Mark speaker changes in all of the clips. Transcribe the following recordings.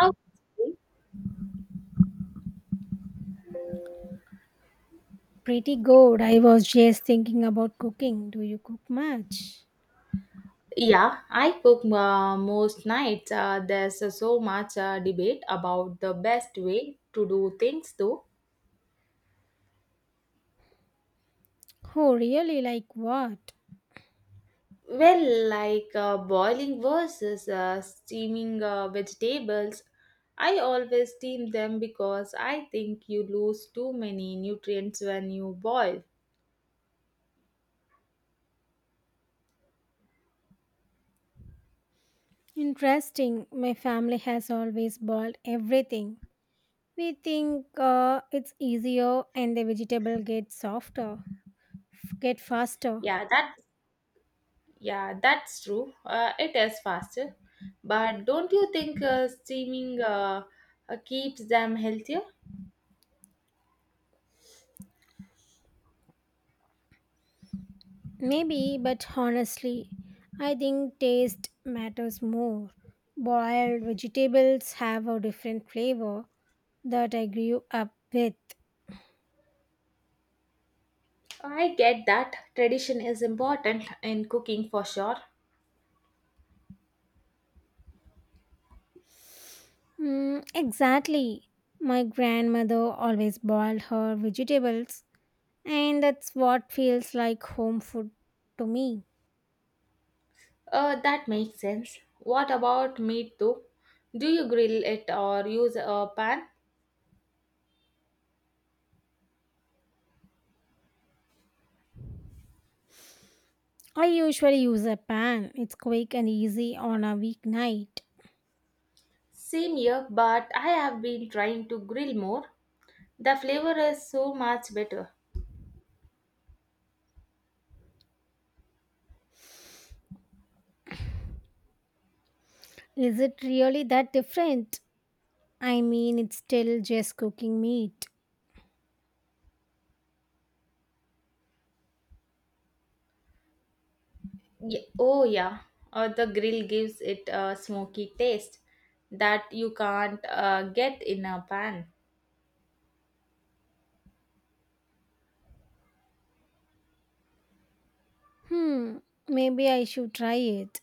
Speaker 1: Okay.
Speaker 2: Pretty good. I was just thinking about cooking. Do you cook much?
Speaker 1: Yeah, I cook most nights. There's so much debate about the best way to do things, though.
Speaker 2: Oh, really? Like what?
Speaker 1: Well, like boiling versus steaming vegetables, I always steam them because I think you lose too many nutrients when you boil.
Speaker 2: Interesting. My family has always boiled everything. We think it's easier and the vegetable gets softer, get faster.
Speaker 1: Yeah, that yeah, that's true. It is faster, but don't you think steaming keeps them healthier?
Speaker 2: Maybe, but honestly, I think taste matters more. Boiled vegetables have a different flavor that I grew up with.
Speaker 1: I get that tradition is important in cooking for sure.
Speaker 2: Mm, exactly. My grandmother always boiled her vegetables, and that's what feels like home food to me.
Speaker 1: That makes sense. What about meat though? Do you grill it or use a pan?
Speaker 2: I usually use a pan, it's quick and easy on a weeknight.
Speaker 1: Same here, but I have been trying to grill more. The flavor is so much better.
Speaker 2: Is it really that different? I mean, it's still just cooking meat.
Speaker 1: Yeah. Oh, yeah. The grill gives it a smoky taste that you can't get in a pan.
Speaker 2: Hmm, maybe I should try it.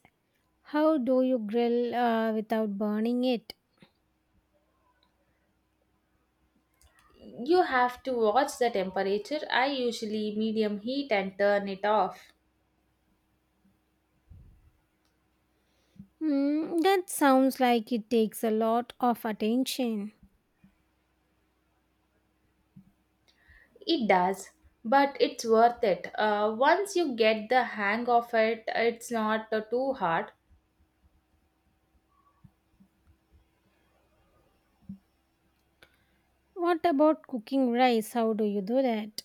Speaker 2: How do you grill without burning it?
Speaker 1: You have to watch the temperature. I usually medium heat and turn it off.
Speaker 2: Hmm, that sounds like it takes a lot of attention.
Speaker 1: It does, but it's worth it. Once you get the hang of it, it's not too hard.
Speaker 2: What about cooking rice? How do you do that?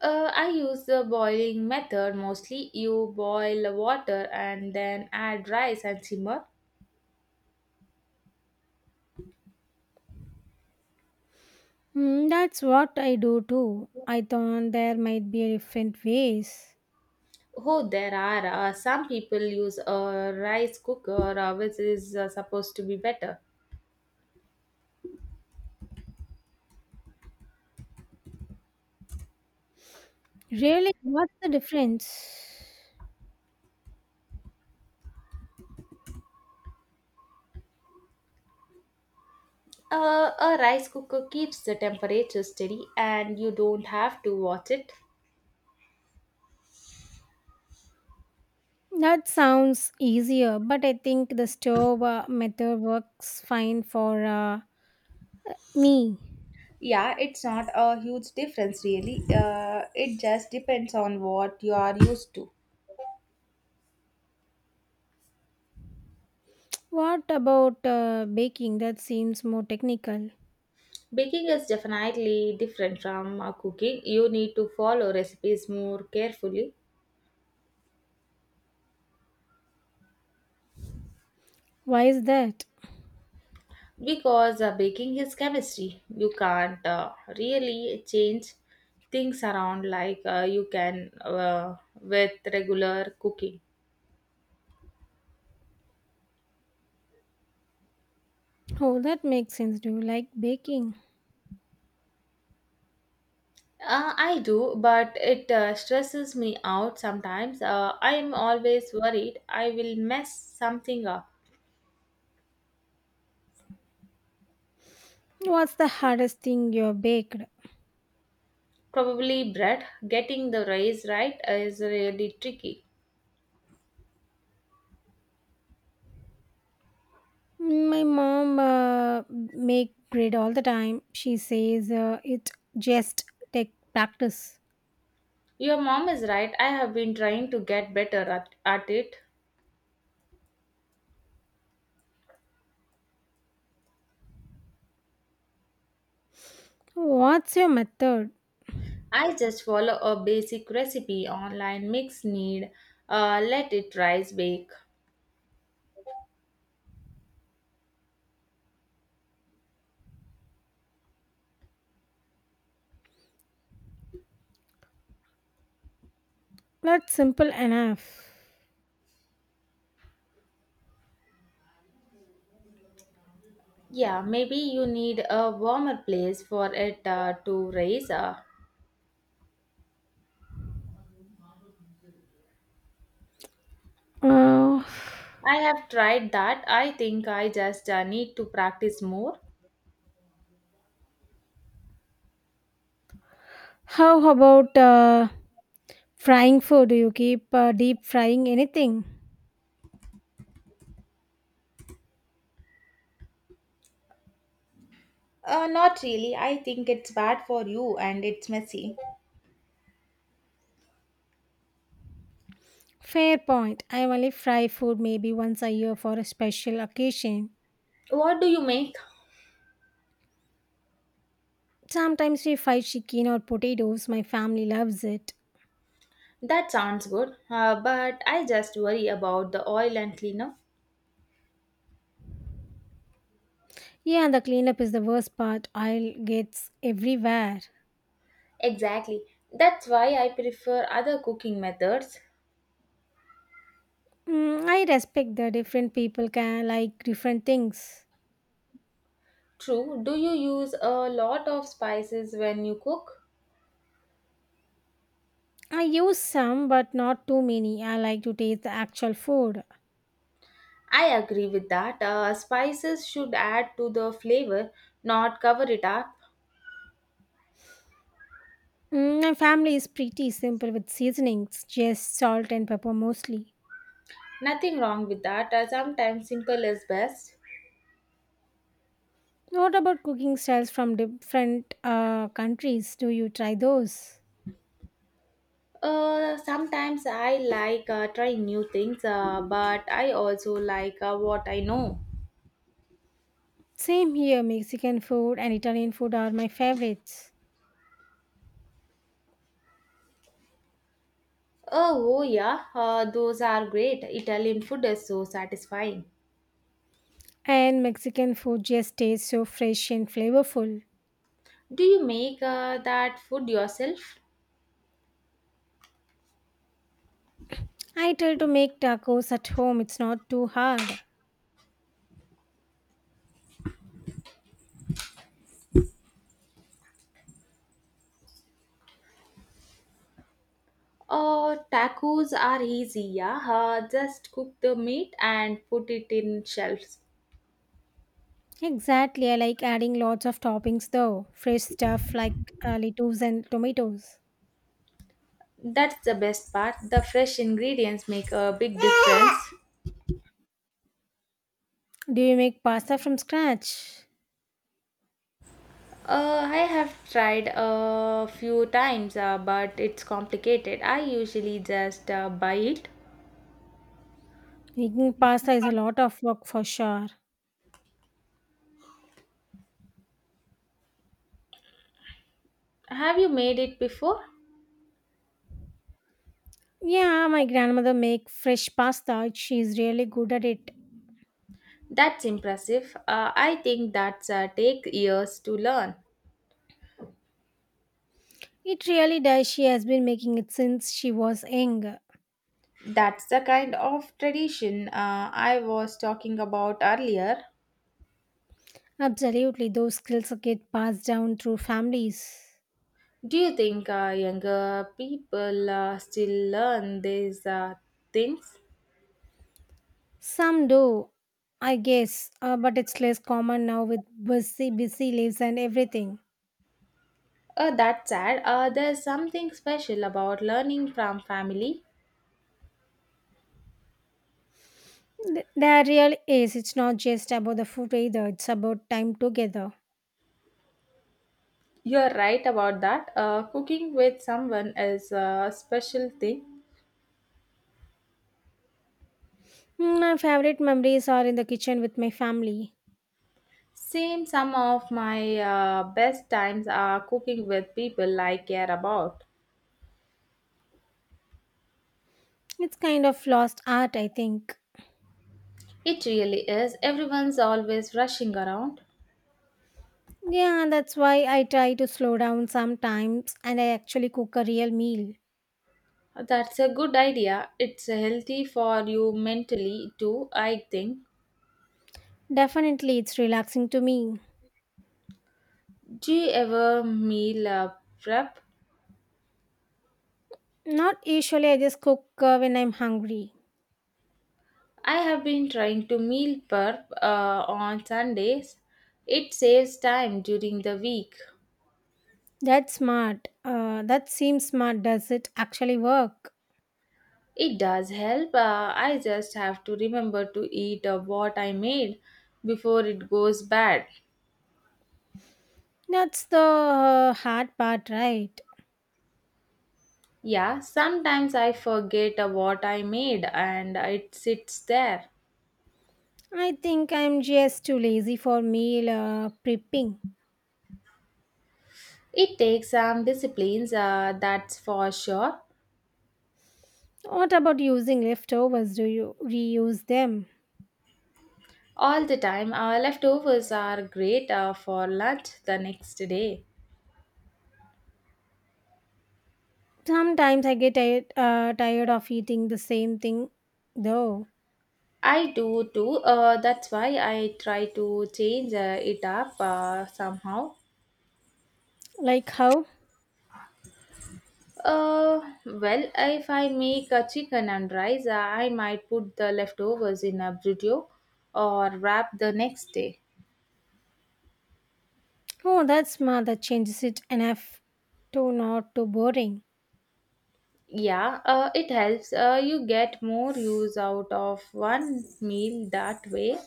Speaker 1: I use the boiling method mostly. You boil the water and then add rice and simmer.
Speaker 2: Hmm, that's what I do too. I thought there might be different ways.
Speaker 1: Oh, there are some people use a rice cooker, which is supposed to be better.
Speaker 2: Really, what's the difference?
Speaker 1: A rice cooker keeps the temperature steady and you don't have to watch it.
Speaker 2: That sounds easier, but I think the stove method works fine for me.
Speaker 1: Yeah, it's not a huge difference really. It just depends on what you are used to.
Speaker 2: What about baking? That seems more technical.
Speaker 1: Baking is definitely different from cooking. You need to follow recipes more carefully
Speaker 2: Why is that?
Speaker 1: because baking is chemistry. You can't really change things around like you can with regular cooking.
Speaker 2: Oh, that makes sense. Do you like baking?
Speaker 1: I do, but it stresses me out sometimes. I am always worried I will mess something up.
Speaker 2: What's the hardest thing you baked?
Speaker 1: Probably bread. Getting the rice right is really tricky.
Speaker 2: My mom make bread all the time. She says it just take practice.
Speaker 1: Your mom is right. I have been trying to get better at it.
Speaker 2: What's your method?
Speaker 1: I just follow a basic recipe online mix need let it rise bake.
Speaker 2: That's simple enough.
Speaker 1: Yeah, maybe you need a warmer place for it to rise. Uh,
Speaker 2: Uh,
Speaker 1: I have tried that. I think I just need to practice more.
Speaker 2: how about frying food? Do you keep deep frying anything?
Speaker 1: Not really. I think it's bad for you and it's messy.
Speaker 2: Fair point. I only fry food maybe once a year for a special occasion.
Speaker 1: What do you make?
Speaker 2: Sometimes we fry chicken or potatoes. My family loves it.
Speaker 1: That sounds good, but I just worry about the oil and cleaner.
Speaker 2: Yeah, the cleanup is the worst part. I'll gets everywhere.
Speaker 1: Exactly. That's why I prefer other cooking methods.
Speaker 2: Mm, I respect that different people can like different things.
Speaker 1: True, do you use a lot of spices when you cook?
Speaker 2: I use some but not too many. I like to taste the actual food.
Speaker 1: I agree with that. Spices should add to the flavor, not cover it up.
Speaker 2: Mm, my family is pretty simple with seasonings, just salt and pepper mostly.
Speaker 1: Nothing wrong with that. Sometimes simple is best.
Speaker 2: What about cooking styles from different countries? Do you try those?
Speaker 1: Sometimes I like trying new things, but I also like what I know.
Speaker 2: Same here, Mexican food and Italian food are my favorites.
Speaker 1: Oh, yeah, those are great. Italian food is so satisfying.
Speaker 2: And Mexican food just tastes so fresh and flavorful.
Speaker 1: Do you make that food yourself?
Speaker 2: I try to make tacos at home, it's not too hard.
Speaker 1: Oh, tacos are easy, yeah. Just cook the meat and put it in shells.
Speaker 2: Exactly. I like adding lots of toppings though. Fresh stuff like lettuce and tomatoes.
Speaker 1: That's the best part. The fresh ingredients make a big difference.
Speaker 2: Do you make pasta from scratch?
Speaker 1: I have tried a few times, but it's complicated. I usually just buy it.
Speaker 2: Making pasta is a lot of work for sure.
Speaker 1: Have you made it before?
Speaker 2: Yeah, my grandmother make fresh pasta. She is really good at it.
Speaker 1: That's impressive. I think that's take years to learn.
Speaker 2: It really does. She has been making it since she was young.
Speaker 1: That's the kind of tradition I was talking about earlier.
Speaker 2: Absolutely, those skills get passed down through families.
Speaker 1: Do you think younger people still learn these things?
Speaker 2: Some do, I guess, but it's less common now with busy lives and everything.
Speaker 1: That's sad. There's something special about learning from family.
Speaker 2: There really is. It's not just about the food either, it's about time together.
Speaker 1: You're right about that. Cooking with someone is a special thing.
Speaker 2: Mm, my favorite memories are in the kitchen with my family.
Speaker 1: Same, some of my best times are cooking with people I care about.
Speaker 2: It's kind of lost art, I think.
Speaker 1: It really is. Everyone's always rushing around.
Speaker 2: Yeah, that's why I try to slow down sometimes and I actually cook a real meal.
Speaker 1: That's a good idea. It's healthy for you mentally too, I think.
Speaker 2: Definitely, it's relaxing to me.
Speaker 1: Do you ever meal prep?
Speaker 2: Not usually, I just cook when I'm hungry.
Speaker 1: I have been trying to meal prep on Sundays. It saves time during the week.
Speaker 2: That seems smart. Does it actually work?
Speaker 1: It does help. I just have to remember to eat what I made before it goes bad.
Speaker 2: That's the hard part, right?
Speaker 1: Yeah, sometimes I forget what I made and it sits there.
Speaker 2: I think I'm just too lazy for meal prepping.
Speaker 1: It takes some disciplines, that's for sure.
Speaker 2: What about using leftovers? Do you reuse them?
Speaker 1: All the time, leftovers are great for lunch the next day.
Speaker 2: Sometimes I get tired of eating the same thing though.
Speaker 1: I do too. That's why I try to change it up somehow.
Speaker 2: Like how?
Speaker 1: Well, if I make a chicken and rice, I might put the leftovers in a burrito or wrap the next day.
Speaker 2: Oh, that's smart. That changes it enough to not too boring.
Speaker 1: Yeah, it helps. You get more use out of one meal that way.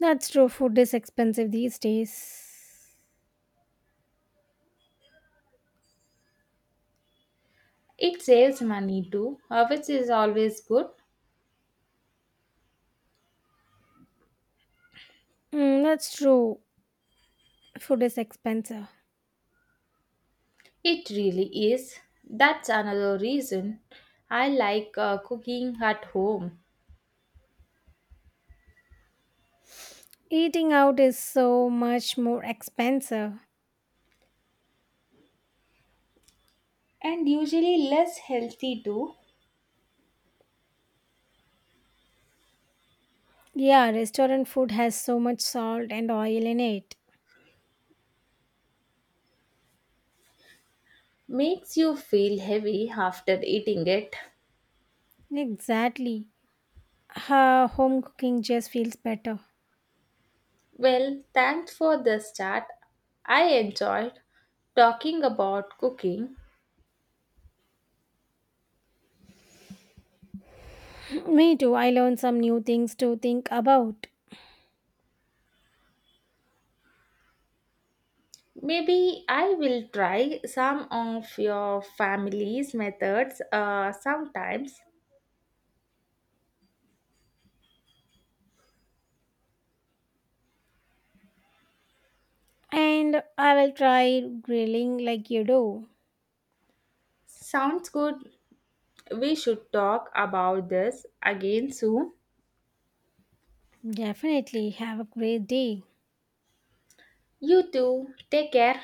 Speaker 2: That's true. Food is expensive these days.
Speaker 1: It saves money too, which is always good.
Speaker 2: Mm, that's true. Food is expensive.
Speaker 1: It really is. That's another reason I like cooking at home.
Speaker 2: Eating out is so much more expensive.
Speaker 1: And usually less healthy too.
Speaker 2: Yeah, restaurant food has so much salt and oil in it.
Speaker 1: Makes you feel heavy after eating it.
Speaker 2: Exactly. Ha, home cooking just feels better.
Speaker 1: Well, thanks for this chat. I enjoyed talking about cooking.
Speaker 2: Me too. I learned some new things to think about.
Speaker 1: Maybe I will try some of your family's methods sometimes.
Speaker 2: And I will try grilling like you do.
Speaker 1: Sounds good. We should talk about this again soon.
Speaker 2: Definitely. Have a great day.
Speaker 1: You too. Take care.